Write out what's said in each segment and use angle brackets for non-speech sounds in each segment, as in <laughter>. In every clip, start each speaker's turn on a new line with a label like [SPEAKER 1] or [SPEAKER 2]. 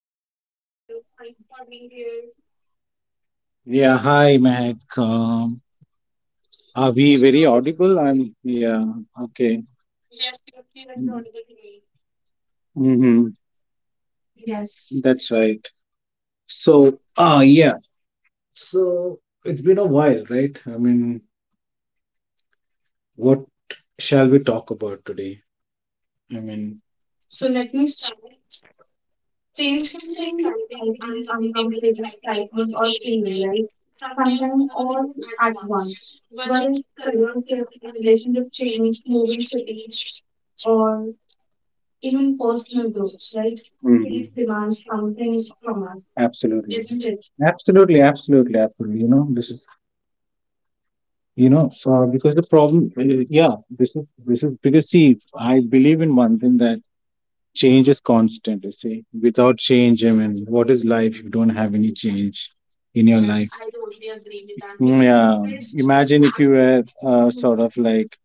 [SPEAKER 1] Hi, how are you? Thanks for being here.
[SPEAKER 2] Yeah, hi, Mac. Are we
[SPEAKER 1] So,
[SPEAKER 2] very audible? Yeah, okay.
[SPEAKER 1] yes, you're here and you with me.
[SPEAKER 2] Mm-hmm.
[SPEAKER 1] Yes.
[SPEAKER 2] That's right. So, yeah. So it's been a while, right? I mean, what shall we talk about today? I mean,
[SPEAKER 1] So let me start. Change can be exciting, uncomfortable, frightening, or freeing, right? Sometimes all at once. Whether it's career, relationship change, moving cities, even personal growth, right? Replace
[SPEAKER 2] mm,
[SPEAKER 1] demands something is from,
[SPEAKER 2] absolutely,
[SPEAKER 1] isn't it?
[SPEAKER 2] absolutely, absolutely, absolutely. You know, you know, because the problem, yeah, this is because see, I believe in one thing that change is constant, you see. Without change, I mean, what is life if you don't have any change in your
[SPEAKER 1] Yes,
[SPEAKER 2] life?
[SPEAKER 1] I totally agree with that
[SPEAKER 2] Mm,
[SPEAKER 1] because in
[SPEAKER 2] yeah.
[SPEAKER 1] today's
[SPEAKER 2] Imagine if you
[SPEAKER 1] app-
[SPEAKER 2] were
[SPEAKER 1] hmm
[SPEAKER 2] sort of like,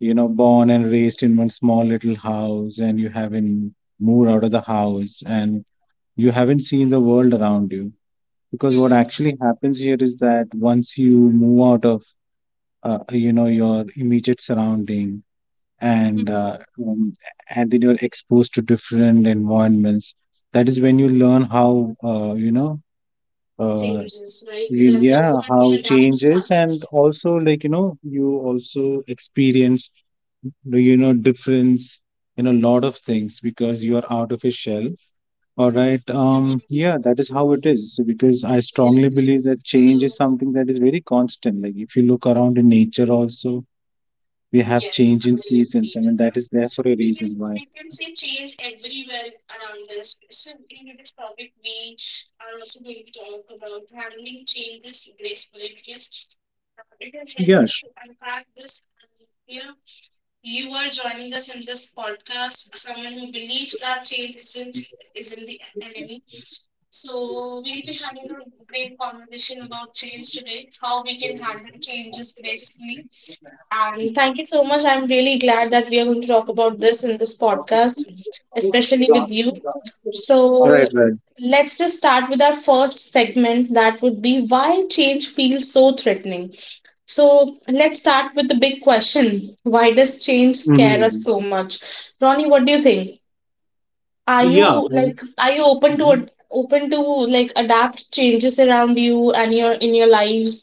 [SPEAKER 2] you know, born and raised in one small little house, and you haven't moved out of the house and you haven't seen the world around you. Because what
[SPEAKER 1] hmm
[SPEAKER 2] actually happens here is that once you move out of, you know, your immediate surrounding and
[SPEAKER 1] hmm,
[SPEAKER 2] um, and then you're exposed to different environments. That is when you learn how uh,
[SPEAKER 1] changes, right? That is
[SPEAKER 2] yeah,
[SPEAKER 1] when we
[SPEAKER 2] how
[SPEAKER 1] adapt
[SPEAKER 2] change is, and
[SPEAKER 1] such.
[SPEAKER 2] also, like, you know, you also experience, you know, difference in a lot of things because you are out of a shell, all right.
[SPEAKER 1] hmm
[SPEAKER 2] Yeah, that is how it is. So because I strongly
[SPEAKER 1] Yes.
[SPEAKER 2] believe that change
[SPEAKER 1] So.
[SPEAKER 2] is something that is very constant. Like if you look around in nature also, we have
[SPEAKER 1] Yes, I
[SPEAKER 2] change in seasons.
[SPEAKER 1] agree
[SPEAKER 2] I
[SPEAKER 1] with
[SPEAKER 2] mean, that
[SPEAKER 1] that.
[SPEAKER 2] is there for a reason
[SPEAKER 1] Because
[SPEAKER 2] why.
[SPEAKER 1] we can see change everywhere around us. So, in this topic, we are also going to talk about handling changes gracefully because it will help us
[SPEAKER 2] Yes.
[SPEAKER 1] to unpack this. And you are joining us in this podcast, someone who believes that change isn't the enemy. So, we'll be having a great conversation about change today, how we can handle changes gracefully. And thank you so much. I'm really glad that we are going to talk about this in this podcast, especially with you.
[SPEAKER 2] Right,
[SPEAKER 1] So
[SPEAKER 2] right.
[SPEAKER 1] let's just start with our first segment that would be why change feels so threatening. So let's start with the big question. Why does change scare us
[SPEAKER 2] Hmm.
[SPEAKER 1] so much? Ronnie, what do you think? Are
[SPEAKER 2] Yeah.
[SPEAKER 1] you like are you open to
[SPEAKER 2] Mhm.
[SPEAKER 1] open to like adapt changes around you and your in your lives?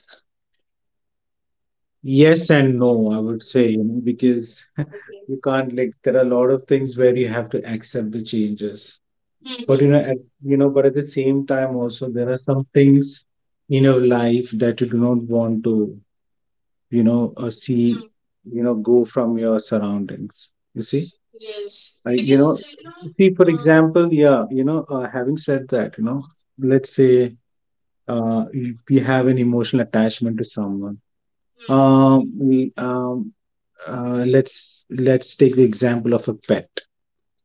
[SPEAKER 2] Yes and no, I would say, you know, because <laughs> you can't, like, there are a lot of things where you have to accept the changes. But you
[SPEAKER 1] Mhm.
[SPEAKER 2] know, you know, but at the same time also, there are some things in your life that you do not want to, you know, see, you know, go from your surroundings, you see.
[SPEAKER 1] Yes,
[SPEAKER 2] I You know,
[SPEAKER 1] because you know,
[SPEAKER 2] see, for example, yeah, you know, having said that, you know, let's say, if we have an emotional attachment to someone.
[SPEAKER 1] hmm,
[SPEAKER 2] um, we, um let's take the example of a pet.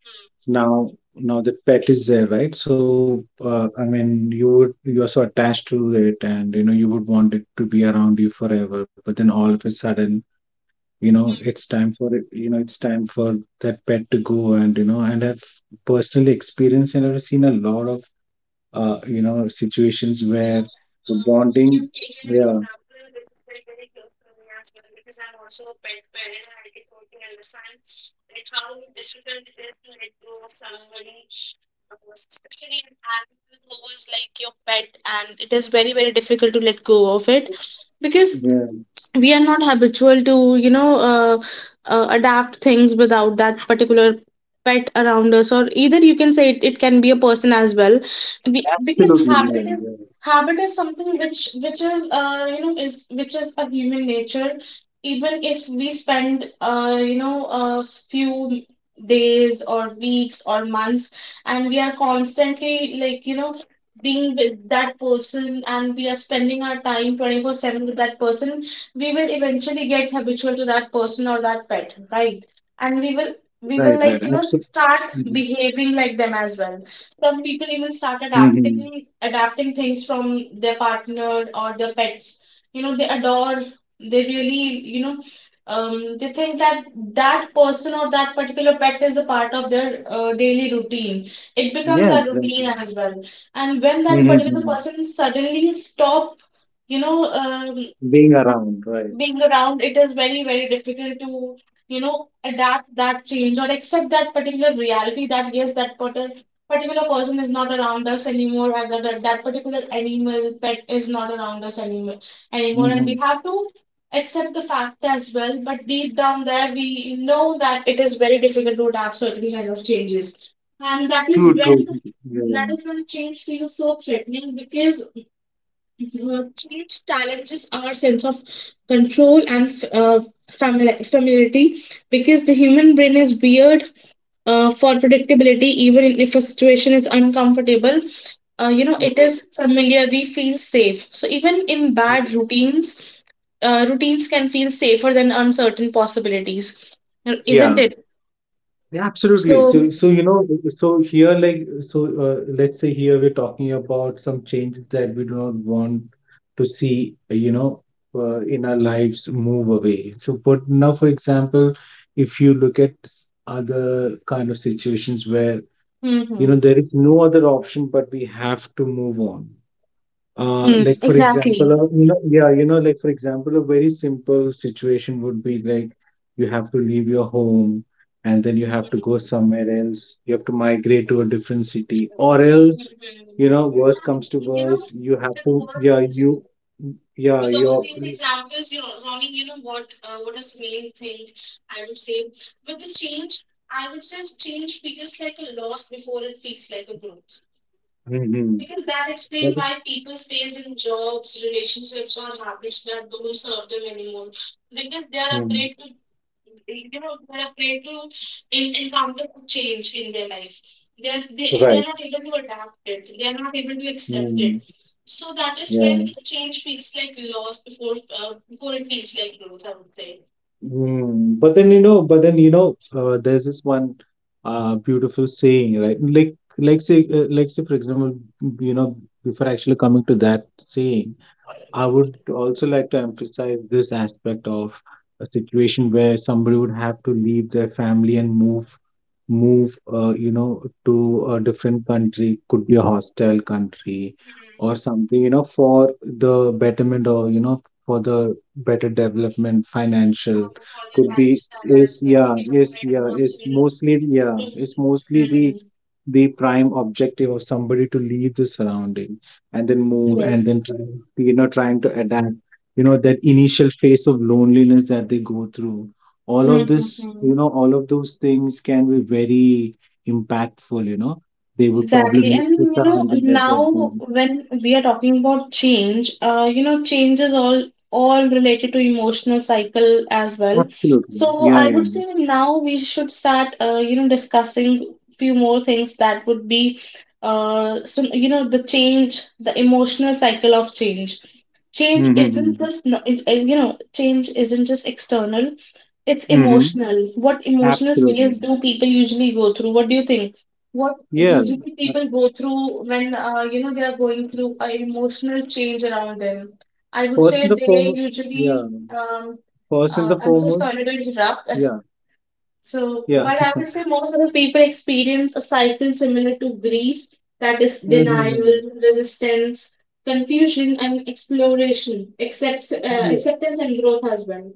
[SPEAKER 1] hmm,
[SPEAKER 2] Now, the pet is there, right? So I mean, you would, you are so attached to it, and you know you would want it to be around you forever, but then all of a sudden, you know,
[SPEAKER 1] hmm.
[SPEAKER 2] it's time for it you know, it's time for that pet to go. And you know, and I've personally experienced and I've seen a lot of you know situations
[SPEAKER 1] you
[SPEAKER 2] where
[SPEAKER 1] know,
[SPEAKER 2] the bonding.
[SPEAKER 1] you've taken an
[SPEAKER 2] Yeah,
[SPEAKER 1] example which is very, very close to me as well because I'm also a pet parent and I can totally understand like how difficult it is to let go of somebody, especially an animal who is like your pet, and it is very, very difficult to let go of it because
[SPEAKER 2] yeah,
[SPEAKER 1] we are not habitual to you know adapt things without that particular pet around us or either you can say it can be a person as well
[SPEAKER 2] absolutely,
[SPEAKER 1] because
[SPEAKER 2] yeah,
[SPEAKER 1] habit is
[SPEAKER 2] yeah.
[SPEAKER 1] habit is something which is is which is a human nature even if we spend a few days or weeks or months and we are constantly being with that person and we are spending our time 24/7 with that person we will eventually get habitual to that person or that pet, right? And we
[SPEAKER 2] Right,
[SPEAKER 1] will
[SPEAKER 2] right,
[SPEAKER 1] we
[SPEAKER 2] absolutely.
[SPEAKER 1] will start behaving like them as well. Some people even
[SPEAKER 2] Mm-hmm.
[SPEAKER 1] start adapting things from their partner or their pets. You know, they adore, they really, you know, they think that that person or that particular pet is a part of their daily routine. It
[SPEAKER 2] Yeah,
[SPEAKER 1] becomes a
[SPEAKER 2] exactly.
[SPEAKER 1] routine as well. And when that particular
[SPEAKER 2] Mm-hmm.
[SPEAKER 1] person suddenly stop you know, um,
[SPEAKER 2] Being around, right.
[SPEAKER 1] being around, it is very, very difficult to, you know, adapt that change or accept that particular reality that yes, that particular person is not around us anymore, or that that particular animal pet is not around us anymore, and we
[SPEAKER 2] Mm-hmm.
[SPEAKER 1] have to accept the fact as well. But deep down there, we know that it is very difficult to adapt certain kind of changes, and that is
[SPEAKER 2] True, true,
[SPEAKER 1] when
[SPEAKER 2] yeah.
[SPEAKER 1] that is when change feels so threatening because change challenges our sense of control and uh, familiarity because the human brain is weird for predictability, even if a situation is uncomfortable. You know, it
[SPEAKER 2] Mhm.
[SPEAKER 1] is familiar, we feel safe. So, even in bad
[SPEAKER 2] Mhm.
[SPEAKER 1] routines, routines can feel safer than uncertain possibilities, isn't
[SPEAKER 2] Yeah.
[SPEAKER 1] it?
[SPEAKER 2] Yeah, absolutely. So,
[SPEAKER 1] So,
[SPEAKER 2] so you know, so here, like, so let's say, here we're talking about some changes that we do not want to see, you know, in our lives, move away. So, but now, for example, if you look at other kind of situations where, you
[SPEAKER 1] hmm
[SPEAKER 2] know, there is no other option but we have to move on.
[SPEAKER 1] hmm
[SPEAKER 2] Like for example,
[SPEAKER 1] exactly.
[SPEAKER 2] you know, yeah, you know, like for example, a very simple situation would be like you have to leave your home, and then you have to
[SPEAKER 1] Mhm.
[SPEAKER 2] go somewhere else. You have to migrate to a different city, or else,
[SPEAKER 1] Mhm.
[SPEAKER 2] you know, worst
[SPEAKER 1] And
[SPEAKER 2] comes to
[SPEAKER 1] you know,
[SPEAKER 2] worst, you have
[SPEAKER 1] with
[SPEAKER 2] to,
[SPEAKER 1] all
[SPEAKER 2] yeah,
[SPEAKER 1] these
[SPEAKER 2] you,
[SPEAKER 1] with
[SPEAKER 2] yeah,
[SPEAKER 1] all
[SPEAKER 2] you're,
[SPEAKER 1] these examples, you know, Ronnie, you know what? What is main thing I would say with the change? I would say change feels like a loss before it feels like a growth.
[SPEAKER 2] mhm.
[SPEAKER 1] Because that explains
[SPEAKER 2] That-
[SPEAKER 1] why people stays in jobs, relationships, or habits that don't serve them anymore. Because they are afraid
[SPEAKER 2] mm,
[SPEAKER 1] to, you know, they are afraid to encounter a change in their life. They are they are
[SPEAKER 2] right,
[SPEAKER 1] not able to adapt it. They are not able to accept
[SPEAKER 2] mm,
[SPEAKER 1] it. So that is when
[SPEAKER 2] yeah.
[SPEAKER 1] change feels like loss before before it feels like growth. I would say.
[SPEAKER 2] Mm, but then you know, but then you know, there's this one beautiful saying, right? Like, say, for example, you know, before actually coming to that saying, I would also like to emphasize this aspect of a situation where somebody would have to leave their family and move, you know, to a different country, could be a hostile country
[SPEAKER 1] Hmm.
[SPEAKER 2] or something, you know, for the betterment, or, you know, for the better development, financial,
[SPEAKER 1] And for their
[SPEAKER 2] could be,
[SPEAKER 1] lifestyle
[SPEAKER 2] is,
[SPEAKER 1] as well, to
[SPEAKER 2] yeah,
[SPEAKER 1] become a
[SPEAKER 2] is,
[SPEAKER 1] better
[SPEAKER 2] yeah, is
[SPEAKER 1] person.
[SPEAKER 2] mostly, yeah,
[SPEAKER 1] To,
[SPEAKER 2] it's mostly the
[SPEAKER 1] hmm.
[SPEAKER 2] prime objective of somebody to leave the surrounding and then move and
[SPEAKER 1] Yes.
[SPEAKER 2] then try, you know, trying to adapt, you know, that initial phase of loneliness that they go through. All of this, you
[SPEAKER 1] Mm-hmm.
[SPEAKER 2] know, all of those things can be very impactful, you know. They would probably
[SPEAKER 1] Exactly. And
[SPEAKER 2] miss the
[SPEAKER 1] you know,
[SPEAKER 2] surrounding that they're
[SPEAKER 1] now
[SPEAKER 2] going.
[SPEAKER 1] when we are talking about change, change is all related to emotional cycle as well.
[SPEAKER 2] Absolutely,
[SPEAKER 1] So
[SPEAKER 2] yeah,
[SPEAKER 1] I
[SPEAKER 2] yeah,
[SPEAKER 1] would
[SPEAKER 2] mm-hmm.
[SPEAKER 1] say that now we should start, discussing few more things that would be, the change, the emotional cycle of change. Change isn't
[SPEAKER 2] Mm-hmm.
[SPEAKER 1] just, no- it's, change isn't just external, it's
[SPEAKER 2] Mm-hmm.
[SPEAKER 1] emotional. What emotional
[SPEAKER 2] Absolutely,
[SPEAKER 1] phase do people usually go through? What do you think? What
[SPEAKER 2] yeah.
[SPEAKER 1] usually
[SPEAKER 2] Uh,
[SPEAKER 1] people go through when they are going through a emotional change around them. I would
[SPEAKER 2] first and
[SPEAKER 1] say
[SPEAKER 2] the
[SPEAKER 1] they
[SPEAKER 2] foremost, yeah,
[SPEAKER 1] usually
[SPEAKER 2] first and the
[SPEAKER 1] I'm so
[SPEAKER 2] foremost,
[SPEAKER 1] sorry to interrupt. <laughs>
[SPEAKER 2] yeah,
[SPEAKER 1] So,
[SPEAKER 2] yeah,
[SPEAKER 1] but I would say most of the people experience a cycle similar to grief, that is denial,
[SPEAKER 2] mm-hmm.
[SPEAKER 1] resistance, confusion, and exploration, except
[SPEAKER 2] Yeah,
[SPEAKER 1] acceptance and growth as well.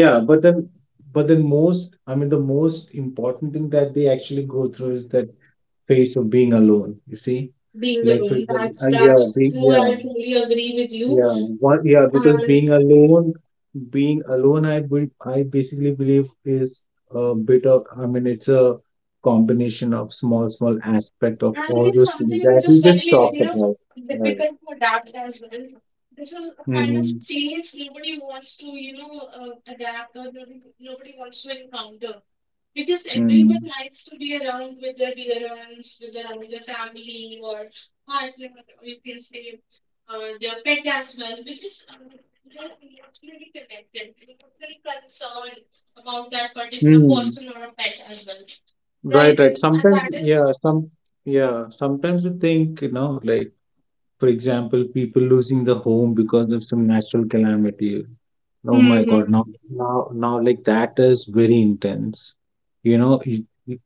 [SPEAKER 2] yeah, but then, but then most, I mean, the most important thing that they actually go through is that phase of being alone, you see.
[SPEAKER 1] Being
[SPEAKER 2] Like for
[SPEAKER 1] alone,
[SPEAKER 2] example,
[SPEAKER 1] that's true. I truly agree with you.
[SPEAKER 2] yeah, one, yeah, because being alone, I would, I basically believe is a bit of, I mean, it's a combination of small, small aspect of
[SPEAKER 1] And it
[SPEAKER 2] all
[SPEAKER 1] is
[SPEAKER 2] those things
[SPEAKER 1] something which
[SPEAKER 2] that
[SPEAKER 1] is
[SPEAKER 2] we
[SPEAKER 1] very,
[SPEAKER 2] just
[SPEAKER 1] you
[SPEAKER 2] talked
[SPEAKER 1] know,
[SPEAKER 2] about. Right.
[SPEAKER 1] difficult to adapt as well. This is a kind of
[SPEAKER 2] Mm-hmm.
[SPEAKER 1] change nobody wants to, you know, adapt or nobody wants to encounter. Because everyone
[SPEAKER 2] Mm-hmm.
[SPEAKER 1] likes to be around with their dear ones, with their family or partner, or you can say their pet as well, because they're emotionally connected, emotionally concerned about that particular
[SPEAKER 2] Mm.
[SPEAKER 1] person or a pet as well, right?
[SPEAKER 2] Right, right.
[SPEAKER 1] And
[SPEAKER 2] Sometimes,
[SPEAKER 1] that is.
[SPEAKER 2] yeah, some, yeah, sometimes I think, you know, like, for example, people losing the home because of some natural calamity. Oh my God,
[SPEAKER 1] Hmm.
[SPEAKER 2] now, now, like, that is very intense. You know,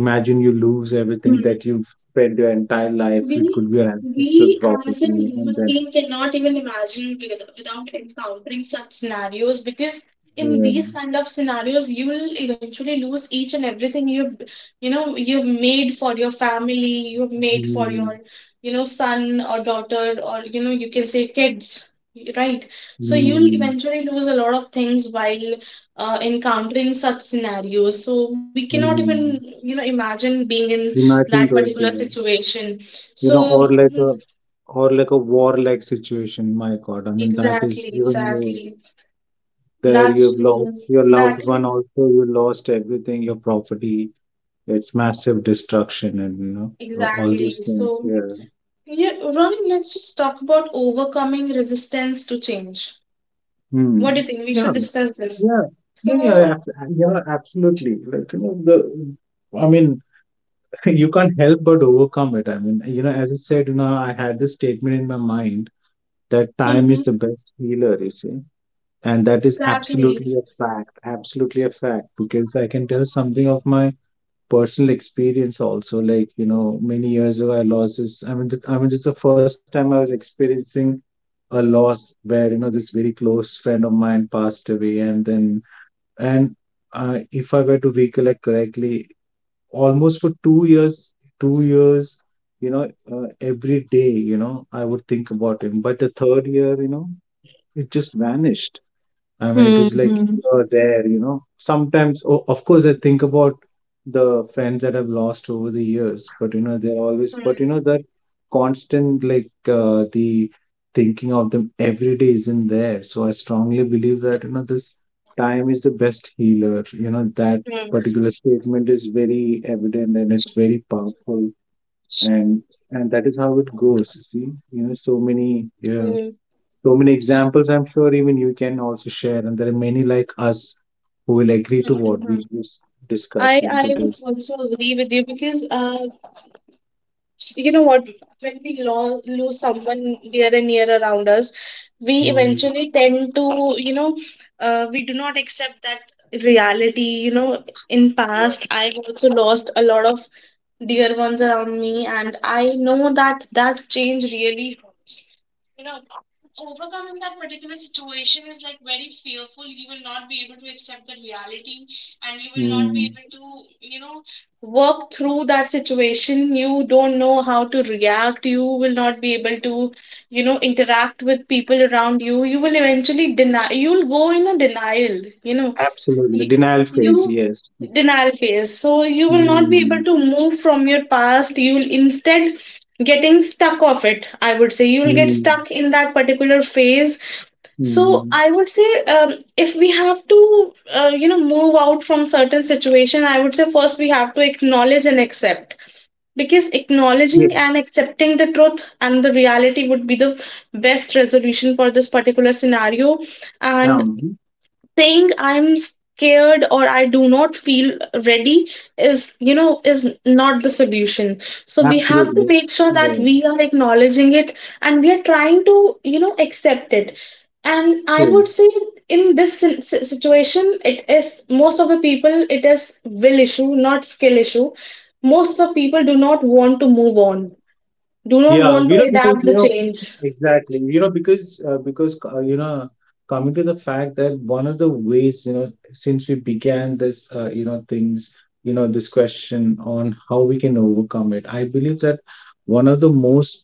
[SPEAKER 2] imagine you lose everything that you've spent your entire life. It
[SPEAKER 1] We,
[SPEAKER 2] could be your ancestral
[SPEAKER 1] we as a
[SPEAKER 2] property, and
[SPEAKER 1] human
[SPEAKER 2] then
[SPEAKER 1] being cannot even imagine without encountering such scenarios because in
[SPEAKER 2] yeah.
[SPEAKER 1] these kind of scenarios you will eventually lose each and everything you know you've made for your family you've made for
[SPEAKER 2] Mm,
[SPEAKER 1] your you know son or daughter or you know you can say kids right so you'll
[SPEAKER 2] mm,
[SPEAKER 1] eventually lose a lot of things while encountering such scenarios so we cannot even
[SPEAKER 2] mm.
[SPEAKER 1] you know imagine being in that
[SPEAKER 2] Imagine those
[SPEAKER 1] particular
[SPEAKER 2] feelings.
[SPEAKER 1] situation
[SPEAKER 2] You know,
[SPEAKER 1] so, mm,
[SPEAKER 2] or like a warlike situation. My God, I mean, that is
[SPEAKER 1] exactly,
[SPEAKER 2] even more.
[SPEAKER 1] exactly.
[SPEAKER 2] There
[SPEAKER 1] That's
[SPEAKER 2] you've
[SPEAKER 1] true.
[SPEAKER 2] lost your loved
[SPEAKER 1] That
[SPEAKER 2] one
[SPEAKER 1] is
[SPEAKER 2] also, you lost everything, your property, it's massive destruction, and you know, so all
[SPEAKER 1] exactly.
[SPEAKER 2] those things,
[SPEAKER 1] So,
[SPEAKER 2] yeah.
[SPEAKER 1] yeah, Ronnie, let's just talk about overcoming resistance to change.
[SPEAKER 2] Hmm.
[SPEAKER 1] What do you think? We
[SPEAKER 2] Yeah,
[SPEAKER 1] should discuss this.
[SPEAKER 2] yeah,
[SPEAKER 1] So,
[SPEAKER 2] absolutely, like, you know, the, I mean, <laughs> you can't help but overcome it. I mean, you know, as I said, you know, I had this statement in my mind that time is the
[SPEAKER 1] Mhm.
[SPEAKER 2] best healer, you see. And that is
[SPEAKER 1] exactly.
[SPEAKER 2] absolutely a fact, because I can tell something of my personal experience also. Like, you know, many years ago, I lost this. I mean, I mean, this is the first time I was experiencing a loss where, you know, this very close friend of mine passed away. And then, and if I were to recollect correctly, almost for 2 years, 2 years, you know, every day, you know, I would think about him. But the third year, you know, it just vanished. I mean, it was like you're there, you know. Sometimes, o of course, I think about the friends that I've lost over the years, but you know, they're always, but you know, that constant, like, the thinking of them every day isn't there. So I strongly believe that, you know, this time is the best healer. You know, that particular statement is very evident and it's very powerful. And and that is how it goes, you see. You know, so many, yeah, so many examples. I'm sure even you can also share, and there are many like us who will agree to what we were
[SPEAKER 1] I
[SPEAKER 2] discussing
[SPEAKER 1] I
[SPEAKER 2] today.
[SPEAKER 1] would also agree with you because you know what when we lo lose someone dear and near around us we
[SPEAKER 2] Mm,
[SPEAKER 1] eventually tend to you know we do not accept that reality you know in past I've also lost a lot of dear ones around me and I know that that change really hurts you know, overcoming that particular situation is like very fearful. You will not be able to accept the reality and you will not be
[SPEAKER 2] mm,
[SPEAKER 1] able to, you know, work through that situation. You don't know how to react. You will not be able to, you know, interact with people around you. You will eventually deny, you'll go in a denial, you know
[SPEAKER 2] absolutely,
[SPEAKER 1] y-
[SPEAKER 2] denial phase.
[SPEAKER 1] you
[SPEAKER 2] Yes. Yes.
[SPEAKER 1] denial phase. So you will not be able
[SPEAKER 2] Mm,
[SPEAKER 1] to move from your past. You will instead getting stuck of it. I would say you will get
[SPEAKER 2] mm,
[SPEAKER 1] stuck in that particular phase. So
[SPEAKER 2] mm.
[SPEAKER 1] I would say if we have to move out from certain situation, I would say first we have to acknowledge and accept. Because acknowledging
[SPEAKER 2] Yes.
[SPEAKER 1] and accepting the truth and the reality would be the best resolution for this particular scenario. And
[SPEAKER 2] Um,
[SPEAKER 1] saying I'm scared or I do not feel ready is, you know, is not the solution. So we have to
[SPEAKER 2] absolutely.
[SPEAKER 1] make sure that
[SPEAKER 2] Yeah.
[SPEAKER 1] we are acknowledging it and we are trying to, you know, accept it. And I
[SPEAKER 2] True.
[SPEAKER 1] would say in this situation, it is most of the people, it is will issue, not skill issue. Most of the people do not want to move on, do not
[SPEAKER 2] Yeah, you
[SPEAKER 1] want to
[SPEAKER 2] know, because
[SPEAKER 1] adapt
[SPEAKER 2] you
[SPEAKER 1] the
[SPEAKER 2] know,
[SPEAKER 1] change.
[SPEAKER 2] exactly, you know, because you know, coming to the fact that one of the ways, you know, since we began this, you know, things, you know, this question on how we can overcome it, I believe that one of the most,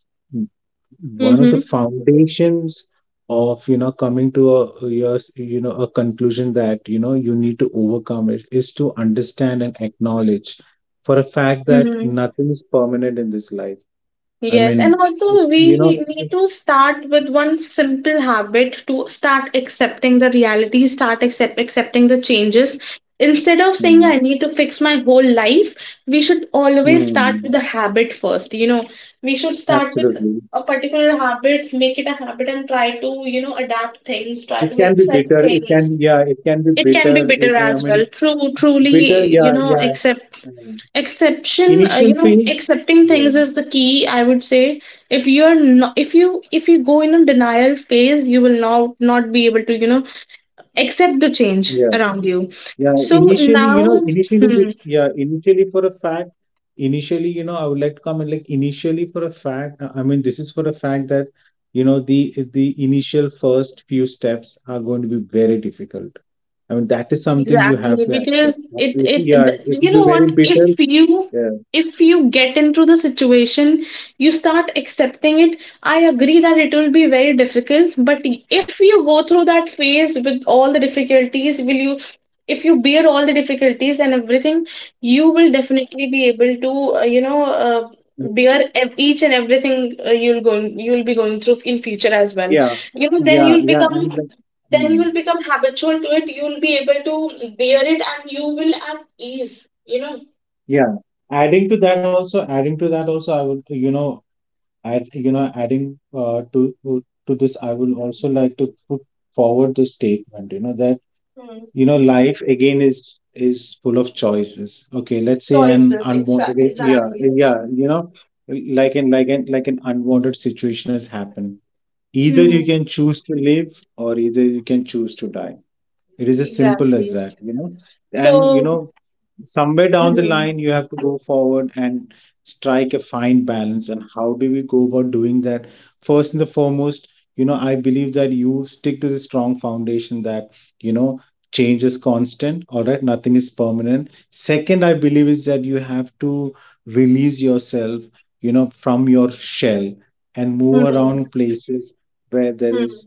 [SPEAKER 2] one of the foundations of, you know, coming to a yes, you know, a conclusion that, you know, you need to overcome it is to understand and acknowledge for a fact that nothing is permanent in this life. I
[SPEAKER 1] Yes, and
[SPEAKER 2] mean,
[SPEAKER 1] also we
[SPEAKER 2] you know,
[SPEAKER 1] need to start with one simple habit to start accepting the reality, accepting the changes. Instead of saying
[SPEAKER 2] mm,
[SPEAKER 1] I need to fix my whole life, we should always
[SPEAKER 2] mm,
[SPEAKER 1] start with the habit first. You know, we should start with
[SPEAKER 2] absolutely.
[SPEAKER 1] a particular habit, make it a habit, and try to, you know, adapt
[SPEAKER 2] It
[SPEAKER 1] things,
[SPEAKER 2] can be
[SPEAKER 1] try to
[SPEAKER 2] bitter. It
[SPEAKER 1] accept
[SPEAKER 2] can, yeah,
[SPEAKER 1] things.
[SPEAKER 2] it can be
[SPEAKER 1] It
[SPEAKER 2] bitter.
[SPEAKER 1] can
[SPEAKER 2] It,
[SPEAKER 1] be
[SPEAKER 2] I
[SPEAKER 1] bitter
[SPEAKER 2] mean,
[SPEAKER 1] as well. True,
[SPEAKER 2] bitter, yeah,
[SPEAKER 1] truly, you
[SPEAKER 2] yeah.
[SPEAKER 1] know,
[SPEAKER 2] Mm. Initial phase, yeah,
[SPEAKER 1] accepting things is the key, I would say. If you go in a denial phase, you will not be able to, you know, accept the change
[SPEAKER 2] yeah,
[SPEAKER 1] around you.
[SPEAKER 2] yeah.
[SPEAKER 1] So
[SPEAKER 2] Initially, you know,
[SPEAKER 1] now,
[SPEAKER 2] initially
[SPEAKER 1] hmm,
[SPEAKER 2] this, yeah, initially for a fact, initially, you know, I would like to comment, like, initially for a fact. I mean, this is for a fact that, you know, the initial first few steps are going to be very difficult. I mean, that is something you
[SPEAKER 1] exactly,
[SPEAKER 2] have to
[SPEAKER 1] because
[SPEAKER 2] accept. Absolutely. Yeah,
[SPEAKER 1] you
[SPEAKER 2] it
[SPEAKER 1] know
[SPEAKER 2] will be
[SPEAKER 1] what?
[SPEAKER 2] very bitter. Yeah.
[SPEAKER 1] If you get into the situation, you start accepting it. I agree that it will be very difficult, but if you go through that phase with all the difficulties, will you? If you bear all the difficulties and everything, you will definitely be able to uh, you know uh, bear each and everything you'll be going through in future as well.
[SPEAKER 2] Yeah.
[SPEAKER 1] You know,
[SPEAKER 2] Yeah.
[SPEAKER 1] then you'll
[SPEAKER 2] Yeah.
[SPEAKER 1] become
[SPEAKER 2] And like,
[SPEAKER 1] then you
[SPEAKER 2] hmm,
[SPEAKER 1] will become habitual to it, you will be able to bear it, and you will at ease, you know.
[SPEAKER 2] yeah. Adding to that also, adding to that also, I would, you know, add, you know, adding to this, I would also like to put forward the statement, you know, that, you know, life again is full of choices. Okay, let's say an
[SPEAKER 1] Choices,
[SPEAKER 2] unwanted,
[SPEAKER 1] exactly,
[SPEAKER 2] yeah,
[SPEAKER 1] exactly,
[SPEAKER 2] yeah, like an unwanted situation has happened. Either you can choose to live, or either you can choose to die. It is as simple as
[SPEAKER 1] exactly.
[SPEAKER 2] that. And
[SPEAKER 1] So
[SPEAKER 2] somewhere down the line, you have to go forward and strike a fine balance. And how do we go about doing that? First and the foremost, I believe that you stick to the strong foundation that you know change is constant, all right? Nothing is permanent. Second, I believe is that you have to release yourself, from your shell, and move around places where there is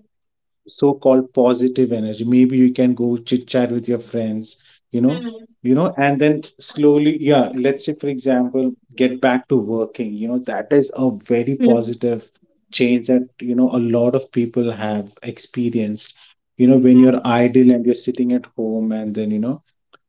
[SPEAKER 2] so-called positive energy. Maybe you can go chit chat with your friends. you know and then slowly, yeah, let's say for example, get back to working. That is a very positive change that a lot of people have experienced. When you're idle and you're sitting at home, and then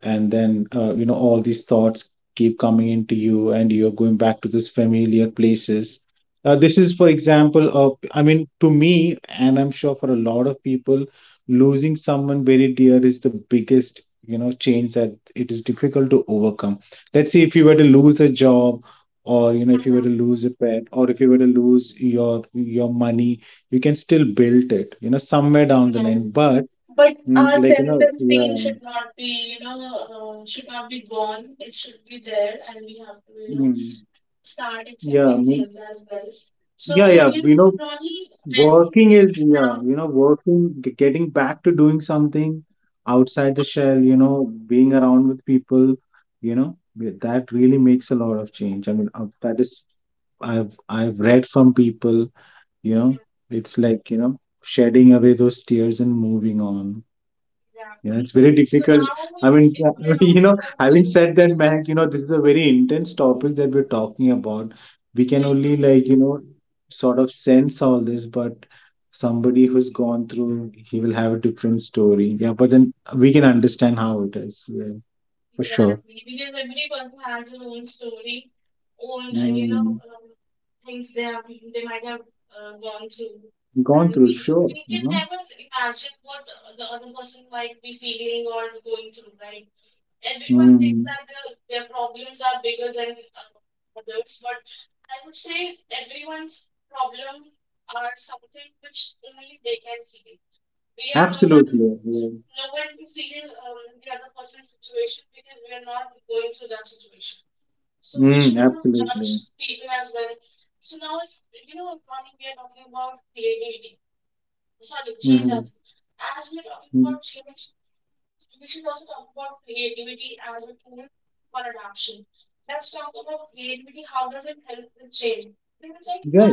[SPEAKER 2] and then all these thoughts keep coming into you, and you're going back to those familiar places. This is, for example, of, I mean, to me, and I'm sure for a lot of people, losing someone very dear is the biggest, change that it is difficult to overcome. Let's say if you were to lose a job, or if you were to lose a pet, or if you were to lose your money, you can still build it, somewhere down the line. But
[SPEAKER 1] but
[SPEAKER 2] mm,
[SPEAKER 1] our
[SPEAKER 2] like,
[SPEAKER 1] self-esteem
[SPEAKER 2] yeah.
[SPEAKER 1] should not be, you know, should not be gone, it should be there, and we have to, you know,
[SPEAKER 2] Mm,
[SPEAKER 1] start
[SPEAKER 2] yeah.
[SPEAKER 1] accepting
[SPEAKER 2] Mm,
[SPEAKER 1] things as well.
[SPEAKER 2] yeah,
[SPEAKER 1] So
[SPEAKER 2] yeah,
[SPEAKER 1] you know, Ronnie, when
[SPEAKER 2] working is, yeah,
[SPEAKER 1] now
[SPEAKER 2] working, getting back to doing something outside the shell, being around with people, that really makes a lot of change. I mean, that is, I've read from people, you know, it's like, shedding away those tears and moving on. Yeah, it's very difficult. I mean, <laughs> I mean, having said that, Mayank, this is a very intense topic that we're talking about. We can only like, sort of sense all this, but somebody who's gone through, he will have a different story. Yeah, but then we can understand how it is. Yeah, for sure. Mm, gone through, sure.
[SPEAKER 1] everyone thinks
[SPEAKER 2] Mm,
[SPEAKER 1] that their problems are bigger than
[SPEAKER 2] absolutely. Yeah. Mm, absolutely.
[SPEAKER 1] sorry change
[SPEAKER 2] Mm-hmm.
[SPEAKER 1] are.
[SPEAKER 2] Yeah, yeah.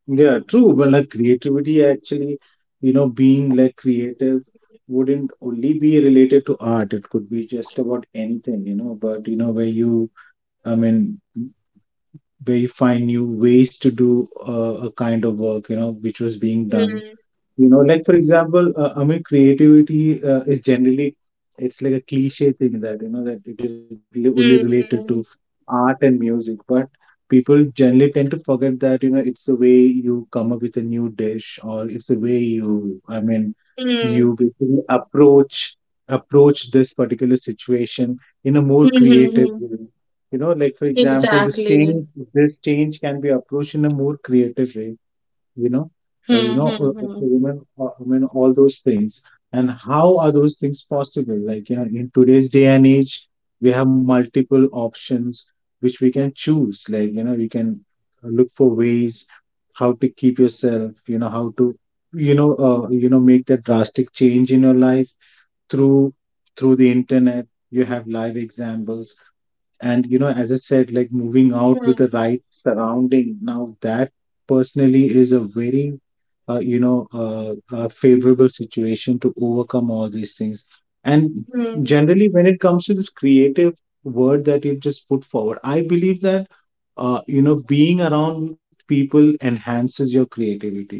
[SPEAKER 2] Yeah, true. Well, like creativity actually, being like creative wouldn't only be related to art. It could be just about anything, but where you, I mean, where you find new ways to do a kind of work, which was being done. Like for example, I mean, creativity is generally it's like a cliche thing that that it is really only related to art and music, but people generally tend to forget that it's the way you come up with a new dish, or it's the way you, I mean, you basically approach this particular situation in a more creative way. You know, like for example, this change can be approached in a more creative way, you know, women, I mean, all those things. And how are those things possible? Like, in today's day and age, we have multiple options which we can choose. Like, we can look for ways how to keep yourself, how to, you know, make that drastic change in your life through through the internet. You have live examples. And as I said, like moving out with the right surrounding, now that personally is a very favorable situation to overcome all these things. And generally, when it comes to this creative word that you've just put forward, I believe that being around people enhances your creativity,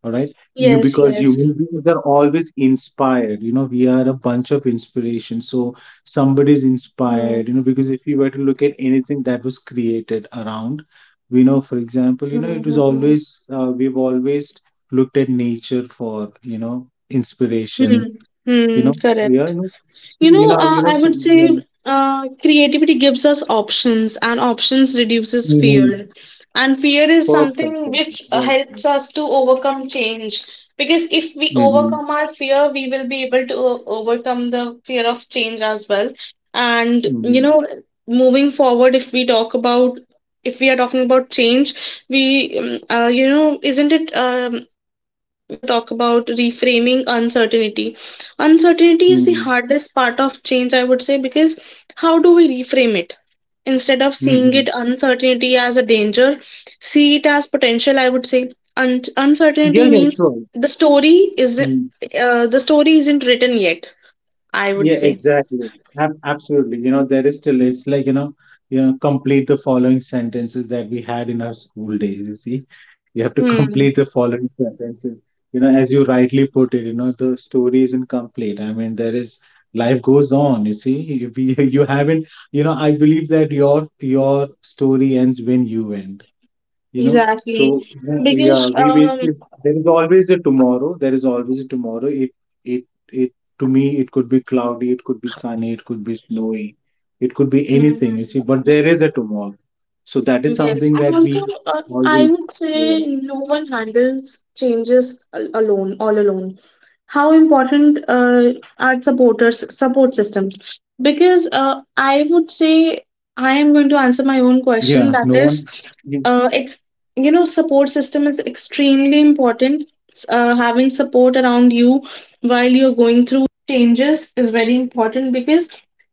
[SPEAKER 2] all right. You, because you human beings are always inspired. You know, we are a bunch of inspiration. So somebody's inspired, because if you were to look at anything that was created around, we know, for example, it was always, we've always looked at nature for, inspiration, you know,
[SPEAKER 1] Hmm.
[SPEAKER 2] yeah,
[SPEAKER 1] Correct. You know,
[SPEAKER 2] so,
[SPEAKER 1] I would
[SPEAKER 2] yeah.
[SPEAKER 1] say creativity gives us options, and options reduces
[SPEAKER 2] Hmm.
[SPEAKER 1] fear. And fear is
[SPEAKER 2] Perfect,
[SPEAKER 1] something
[SPEAKER 2] perfect,
[SPEAKER 1] which
[SPEAKER 2] right, right.
[SPEAKER 1] helps us to overcome change. Because if we
[SPEAKER 2] Mm-hmm.
[SPEAKER 1] overcome our fear, we will be able to overcome the fear of change as well. And, you
[SPEAKER 2] Mm-hmm.
[SPEAKER 1] know, moving forward, if we talk about, if we are talking about change, we, um, you know, isn't it, you know, we should also talk about reframing uncertainty. Uncertainty is the
[SPEAKER 2] Mm-hmm.
[SPEAKER 1] hardest part of change, I would say, because how do we reframe it? Instead of seeing it
[SPEAKER 2] Mm-hmm.
[SPEAKER 1] uncertainty as a danger, see it as potential, I would say.
[SPEAKER 2] Yeah, yeah,
[SPEAKER 1] Uncertainty
[SPEAKER 2] sure.
[SPEAKER 1] means the story isn't
[SPEAKER 2] Mm-hmm.
[SPEAKER 1] the story isn't written yet, I would
[SPEAKER 2] Yeah,
[SPEAKER 1] say.
[SPEAKER 2] exactly. Ab Absolutely. You know, there is still, it's like, complete the following sentences that we had in our school days. You see, you have to <laughs> complete the following sentences. You know, as you rightly put it, the story isn't complete. I mean, there is life goes on. You see, if you, <laughs> you haven't, I believe that your story ends when you end, so
[SPEAKER 1] Exactly.
[SPEAKER 2] yeah, yeah,
[SPEAKER 1] Because
[SPEAKER 2] we basically there is always a tomorrow, there is always a tomorrow. It it To me, it could be cloudy, it could be sunny, it could be snowy, it could be anything, you see, but there is a tomorrow. So that is
[SPEAKER 1] yes,
[SPEAKER 2] something
[SPEAKER 1] and
[SPEAKER 2] that we
[SPEAKER 1] also I
[SPEAKER 2] always.
[SPEAKER 1] would
[SPEAKER 2] Yeah,
[SPEAKER 1] say no one handles changes alone, all alone. How important are supporters, support systems? Because I would say I am going to answer my own question.
[SPEAKER 2] yeah,
[SPEAKER 1] That
[SPEAKER 2] no
[SPEAKER 1] is,
[SPEAKER 2] one.
[SPEAKER 1] ex you know, support system is extremely important. Having support around you while you're going through changes is very important because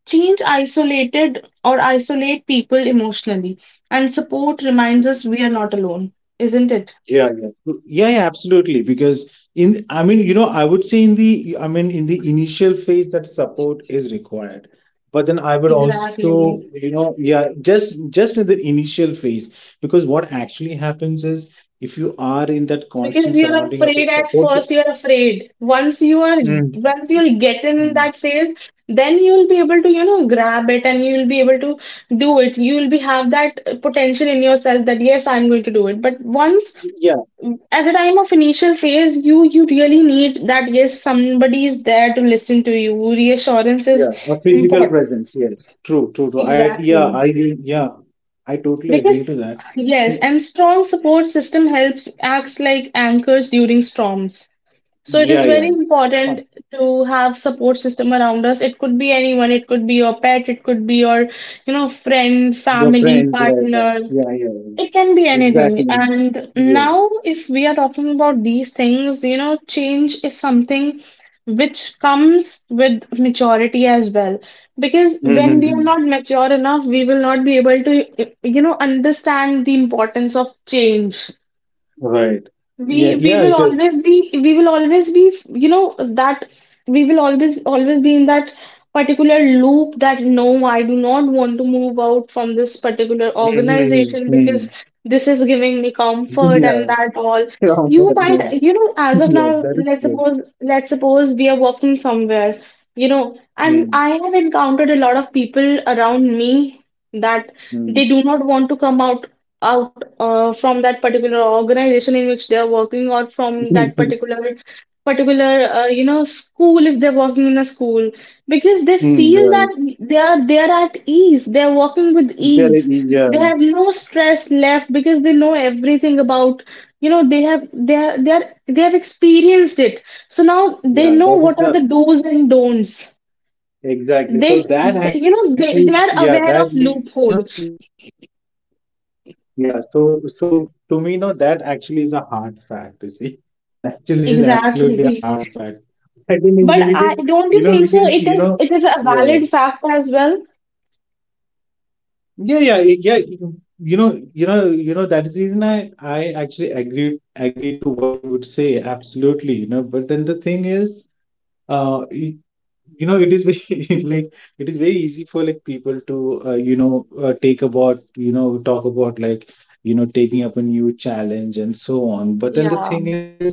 [SPEAKER 1] change isolated or isolate people emotionally, and support reminds us we are not alone, isn't it?
[SPEAKER 2] Yeah, yeah. Mm, yeah, yeah, absolutely. Because in, I mean, I would say in the, I mean, in the initial phase that support is required. But then I would also,
[SPEAKER 1] Exactly.
[SPEAKER 2] yeah, just in the initial phase, because what actually happens is if you are in that
[SPEAKER 1] Because
[SPEAKER 2] constant
[SPEAKER 1] you're
[SPEAKER 2] surrounding of the
[SPEAKER 1] afraid at
[SPEAKER 2] support,
[SPEAKER 1] first, you're afraid. Once you are,
[SPEAKER 2] mm,
[SPEAKER 1] once you'll get in
[SPEAKER 2] mm.
[SPEAKER 1] that phase, then you'll be able to, you know, grab it and you'll be able to do it. You'll be have that potential in yourself that yes, I'm going to do it. But once
[SPEAKER 2] Yeah,
[SPEAKER 1] at the time of initial phase, you really need that yes, somebody is there to listen to you. Reassurance is
[SPEAKER 2] yeah, a physical
[SPEAKER 1] important.
[SPEAKER 2] presence. Yes, true, true, true. I, yeah, I,
[SPEAKER 1] Exactly.
[SPEAKER 2] yeah, I totally agree to
[SPEAKER 1] Because,
[SPEAKER 2] that. You-
[SPEAKER 1] yes, and strong support system helps acts like anchors during storms. So it
[SPEAKER 2] Yeah,
[SPEAKER 1] is
[SPEAKER 2] yeah.
[SPEAKER 1] very important to have support system around us. It could be anyone, it could be your pet, it could be your, you know, friend,
[SPEAKER 2] Your
[SPEAKER 1] family,
[SPEAKER 2] friends, right? Right.
[SPEAKER 1] partner.
[SPEAKER 2] Yeah, yeah,
[SPEAKER 1] It can be
[SPEAKER 2] yeah.
[SPEAKER 1] anything.
[SPEAKER 2] Exactly.
[SPEAKER 1] And
[SPEAKER 2] Yeah.
[SPEAKER 1] now, if we are talking about these things, you know, change is something which comes with maturity as well. Because when we are
[SPEAKER 2] Mm-hmm.
[SPEAKER 1] not mature enough, we will not be able to, you know, understand the importance of change.
[SPEAKER 2] Right.
[SPEAKER 1] we
[SPEAKER 2] Yeah,
[SPEAKER 1] we
[SPEAKER 2] yeah,
[SPEAKER 1] will
[SPEAKER 2] it is.
[SPEAKER 1] always be, you know, that we will always be in that particular loop that no, I do not want to move out from this particular
[SPEAKER 2] Mm-hmm. Mm.
[SPEAKER 1] organization because this is giving me
[SPEAKER 2] <laughs>
[SPEAKER 1] comfort
[SPEAKER 2] Yeah.
[SPEAKER 1] and that
[SPEAKER 2] <laughs>
[SPEAKER 1] all.
[SPEAKER 2] Yeah, but
[SPEAKER 1] You
[SPEAKER 2] yeah.
[SPEAKER 1] might, you know,
[SPEAKER 2] <laughs>
[SPEAKER 1] as of
[SPEAKER 2] Yeah, that
[SPEAKER 1] now,
[SPEAKER 2] is true.
[SPEAKER 1] let's suppose we are working somewhere, you know, and
[SPEAKER 2] Mm.
[SPEAKER 1] I have encountered a lot of people around me that
[SPEAKER 2] Mm.
[SPEAKER 1] they do not want to come out from that particular organization in which they are working, or from that
[SPEAKER 2] <laughs>
[SPEAKER 1] particular you know, school, if they're working in a school, because they
[SPEAKER 2] Mm,
[SPEAKER 1] feel
[SPEAKER 2] right.
[SPEAKER 1] that they are at ease, they are working with
[SPEAKER 2] There it
[SPEAKER 1] ease.
[SPEAKER 2] is, yeah,
[SPEAKER 1] They have no stress left because they know everything about, you know, they are, they have experienced it, so now they know
[SPEAKER 2] yeah,
[SPEAKER 1] what
[SPEAKER 2] that
[SPEAKER 1] are
[SPEAKER 2] is
[SPEAKER 1] the
[SPEAKER 2] the
[SPEAKER 1] do's and don'ts.
[SPEAKER 2] exactly.
[SPEAKER 1] they,
[SPEAKER 2] So
[SPEAKER 1] they
[SPEAKER 2] that
[SPEAKER 1] you know,
[SPEAKER 2] actually,
[SPEAKER 1] they
[SPEAKER 2] yeah,
[SPEAKER 1] are
[SPEAKER 2] that
[SPEAKER 1] aware of loopholes.
[SPEAKER 2] yeah. So to me, no, that actually is a hard fact. You see, <laughs> that actually is absolutely a hard fact.
[SPEAKER 1] Exactly.
[SPEAKER 2] I think it's because
[SPEAKER 1] But I
[SPEAKER 2] because
[SPEAKER 1] don't you think so? It
[SPEAKER 2] yeah,
[SPEAKER 1] is a valid fact as well.
[SPEAKER 2] yeah, yeah, yeah, that's the reason I actually agree to what you would say, absolutely, but then the thing is uh y- it is very <laughs> like it is very easy for like people to take about talk about like, taking up a new challenge and so on. But then the thing is,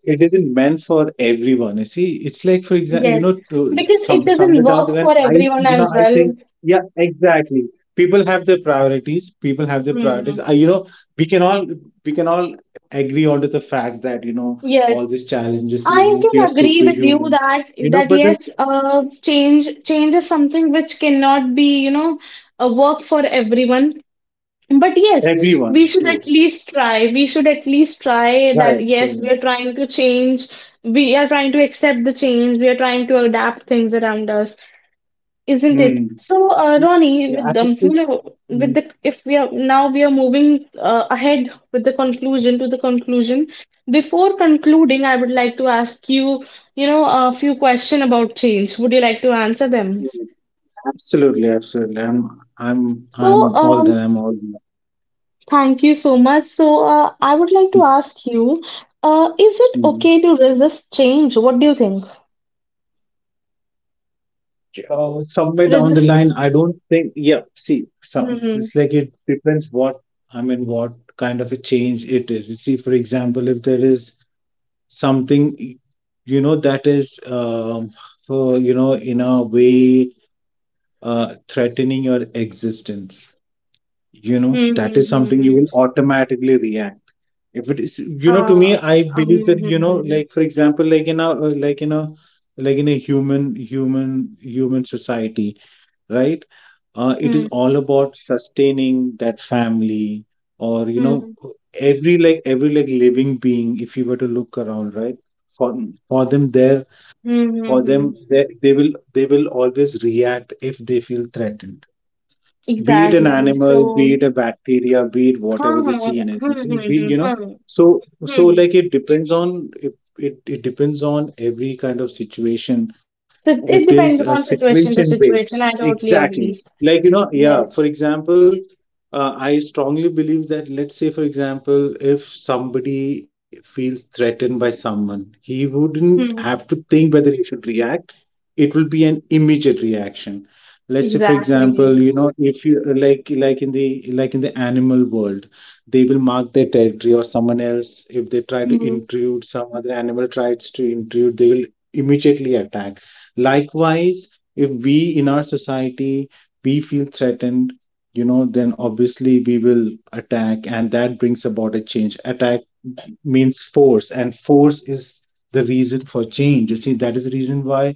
[SPEAKER 2] it isn't meant for everyone. You see, it's like, for example,
[SPEAKER 1] Yes.
[SPEAKER 2] to
[SPEAKER 1] Because it
[SPEAKER 2] some
[SPEAKER 1] doesn't
[SPEAKER 2] somewhere down the
[SPEAKER 1] work
[SPEAKER 2] line,
[SPEAKER 1] for
[SPEAKER 2] I,
[SPEAKER 1] everyone as
[SPEAKER 2] I
[SPEAKER 1] well.
[SPEAKER 2] think, yeah, exactly. People have their priorities. People have their priorities. I, we can all we can all agree onto the fact that
[SPEAKER 1] Yes.
[SPEAKER 2] all these challenges will
[SPEAKER 1] I
[SPEAKER 2] make
[SPEAKER 1] can
[SPEAKER 2] you a
[SPEAKER 1] agree with you
[SPEAKER 2] superhuman.
[SPEAKER 1] that
[SPEAKER 2] You
[SPEAKER 1] that
[SPEAKER 2] know, but
[SPEAKER 1] yes,
[SPEAKER 2] that's
[SPEAKER 1] change is something which cannot be, you know, a work for everyone. But yes,
[SPEAKER 2] everyone,
[SPEAKER 1] we should
[SPEAKER 2] true,
[SPEAKER 1] at least try. We should at least try
[SPEAKER 2] right?
[SPEAKER 1] that yes, we are trying to change. We are trying to accept the change. We are trying to adapt things around us. Isn't
[SPEAKER 2] Know.
[SPEAKER 1] it?
[SPEAKER 2] Mm.
[SPEAKER 1] So, Ronnie,
[SPEAKER 2] Yeah,
[SPEAKER 1] with the you know, with
[SPEAKER 2] mm,
[SPEAKER 1] the if we are now we are moving ahead with the conclusion to the conclusion. Before concluding, I would like to ask you, you know, a few questions about change. Would you like to answer them?
[SPEAKER 2] mm, absolutely, absolutely.
[SPEAKER 1] So,
[SPEAKER 2] I'm all that. I'm all that.
[SPEAKER 1] thank you so much. So, I would like to ask you, is it
[SPEAKER 2] Hmm, hmm.
[SPEAKER 1] okay to resist change? What do you think?
[SPEAKER 2] Somewhere down the
[SPEAKER 1] Resist.
[SPEAKER 2] line, I don't think. Yeah, see, some
[SPEAKER 1] Hmm.
[SPEAKER 2] it's like it depends what I mean, what kind of a change it is. You see, for example, if there is something that is for in a way threatening your existence, you know that is something you will automatically react. If it is, to me, I believe that like for example, like in a human society, right? It is all about sustaining that family, or, every like living being, if you were to look around, right? For for them there, for them they will always react if they feel threatened. Be it an
[SPEAKER 1] Exactly.
[SPEAKER 2] animal, be
[SPEAKER 1] So,
[SPEAKER 2] it a bacteria, be it whatever the
[SPEAKER 1] huh.
[SPEAKER 2] scene is. You see, we, so so like it depends on it, it depends on every kind of situation.
[SPEAKER 1] So
[SPEAKER 2] It
[SPEAKER 1] it
[SPEAKER 2] is a
[SPEAKER 1] depends upon situation
[SPEAKER 2] situation
[SPEAKER 1] to
[SPEAKER 2] based.
[SPEAKER 1] situation. I totally
[SPEAKER 2] Exactly.
[SPEAKER 1] agree.
[SPEAKER 2] Like, yeah. For
[SPEAKER 1] Yes,
[SPEAKER 2] example, I strongly believe that, let's say, for example, if somebody feels threatened by someone, he wouldn't have to think whether he should react. It will be an immediate reaction. Let's say for example,
[SPEAKER 1] exactly.
[SPEAKER 2] if you like, like in the animal world, they will mark their territory. Or someone else, if they try to intrude, some other animal tries to intrude, they will immediately attack. Likewise, if we in our society, we feel threatened, then obviously we will attack. And that brings about a change. Attack means force, and force is the reason for change. You see, that is the reason why,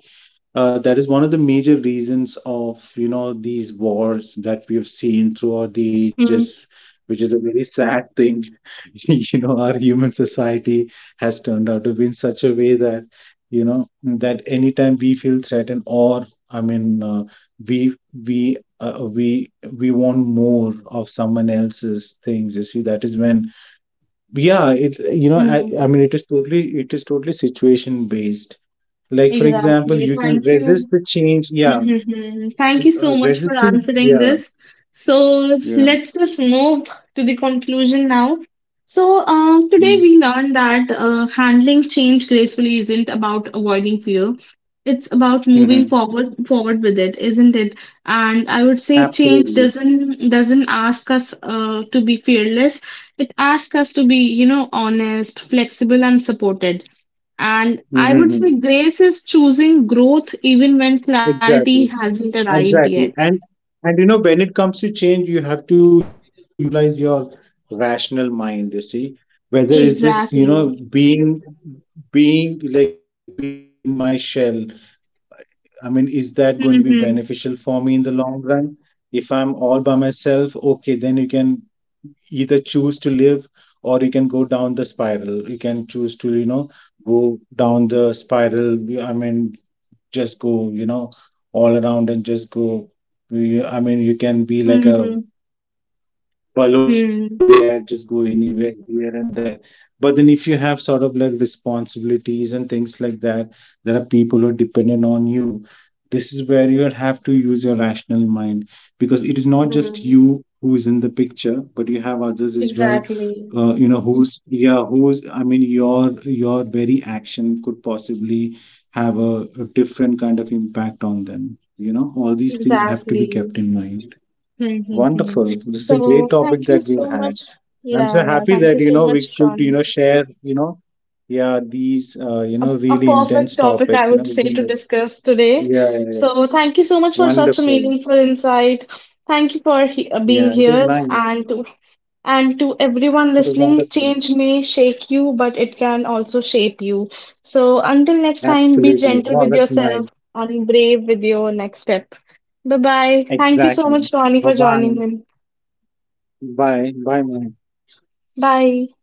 [SPEAKER 2] that is one of the major reasons of, these wars that we have seen throughout the ages, which is a very sad thing. <laughs> You know, our human society has turned out to be in such a way that that anytime we feel threatened, or I mean, we we uh, we we want more of someone else's things. You see, that is when, yeah, it I mean, it is totally situation based. Like for example,
[SPEAKER 1] Exactly.
[SPEAKER 2] you can
[SPEAKER 1] Thank
[SPEAKER 2] resist
[SPEAKER 1] you.
[SPEAKER 2] the change. Yeah,
[SPEAKER 1] Mhm. Thank you so much for
[SPEAKER 2] resisting.
[SPEAKER 1] answering
[SPEAKER 2] Yeah,
[SPEAKER 1] this. So
[SPEAKER 2] yeah.
[SPEAKER 1] let's just move to the conclusion now. So today we learned that handling change gracefully isn't about avoiding fear. It's about moving
[SPEAKER 2] Mm-hmm.
[SPEAKER 1] forward with it, isn't it? And I would say change
[SPEAKER 2] Absolutely.
[SPEAKER 1] doesn't ask us to be fearless. It asks us to be, you know, honest, flexible, and supported. And I would say
[SPEAKER 2] Mm-hmm.
[SPEAKER 1] grace is choosing growth even when clarity hasn't
[SPEAKER 2] Exactly.
[SPEAKER 1] arrived yet.
[SPEAKER 2] Exactly. And when it comes to change, you have to utilize your rational mind. You see, whether is this,
[SPEAKER 1] Exactly,
[SPEAKER 2] being like being in my shell. I mean, is that going to be beneficial for me in the long run? If I'm all by myself, okay, then you can either choose to live, or you can go down the spiral. You can choose to, go down the spiral. I mean, just go, all around and just go. I mean, you can be like a balloon in the air, just go anywhere, here and there. But then if you have sort of like responsibilities and things like that, there are people who are dependent on you. This is where you'll have to use your rational mind, because it is not just you who is in the picture, but you have others as well, who's yeah who's I mean, your very action could possibly have a different kind of impact on them. All these things have to be kept
[SPEAKER 1] exactly.
[SPEAKER 2] in mind.
[SPEAKER 1] Mm-hmm.
[SPEAKER 2] Wonderful, this is a great
[SPEAKER 1] So
[SPEAKER 2] topic
[SPEAKER 1] thank you
[SPEAKER 2] that we've
[SPEAKER 1] so
[SPEAKER 2] had.
[SPEAKER 1] much.
[SPEAKER 2] I'm so
[SPEAKER 1] Yeah, yeah.
[SPEAKER 2] happy
[SPEAKER 1] Thank
[SPEAKER 2] that
[SPEAKER 1] you so
[SPEAKER 2] we
[SPEAKER 1] much,
[SPEAKER 2] could
[SPEAKER 1] Ronnie.
[SPEAKER 2] share, yeah, these,
[SPEAKER 1] A
[SPEAKER 2] really
[SPEAKER 1] perfect
[SPEAKER 2] intense
[SPEAKER 1] topic, I
[SPEAKER 2] topics,
[SPEAKER 1] would say,
[SPEAKER 2] with
[SPEAKER 1] to
[SPEAKER 2] gender.
[SPEAKER 1] discuss today.
[SPEAKER 2] Yeah, yeah, yeah.
[SPEAKER 1] So thank you so much for such a
[SPEAKER 2] Wonderful.
[SPEAKER 1] meaningful insight. Thank you for he being
[SPEAKER 2] Yeah, it was
[SPEAKER 1] here.
[SPEAKER 2] nice.
[SPEAKER 1] And to everyone
[SPEAKER 2] It was
[SPEAKER 1] listening, change
[SPEAKER 2] wonderful.
[SPEAKER 1] may shake you, but it can also shape you. So until next time, be gentle
[SPEAKER 2] Absolutely.
[SPEAKER 1] with
[SPEAKER 2] Wow, that's
[SPEAKER 1] yourself
[SPEAKER 2] nice.
[SPEAKER 1] and brave with your next step. Bye bye. Thank you so much,
[SPEAKER 2] Exactly.
[SPEAKER 1] Ronnie, for
[SPEAKER 2] Bye
[SPEAKER 1] joining in.
[SPEAKER 2] bye. Bye. Bye, Monica.
[SPEAKER 1] Bye.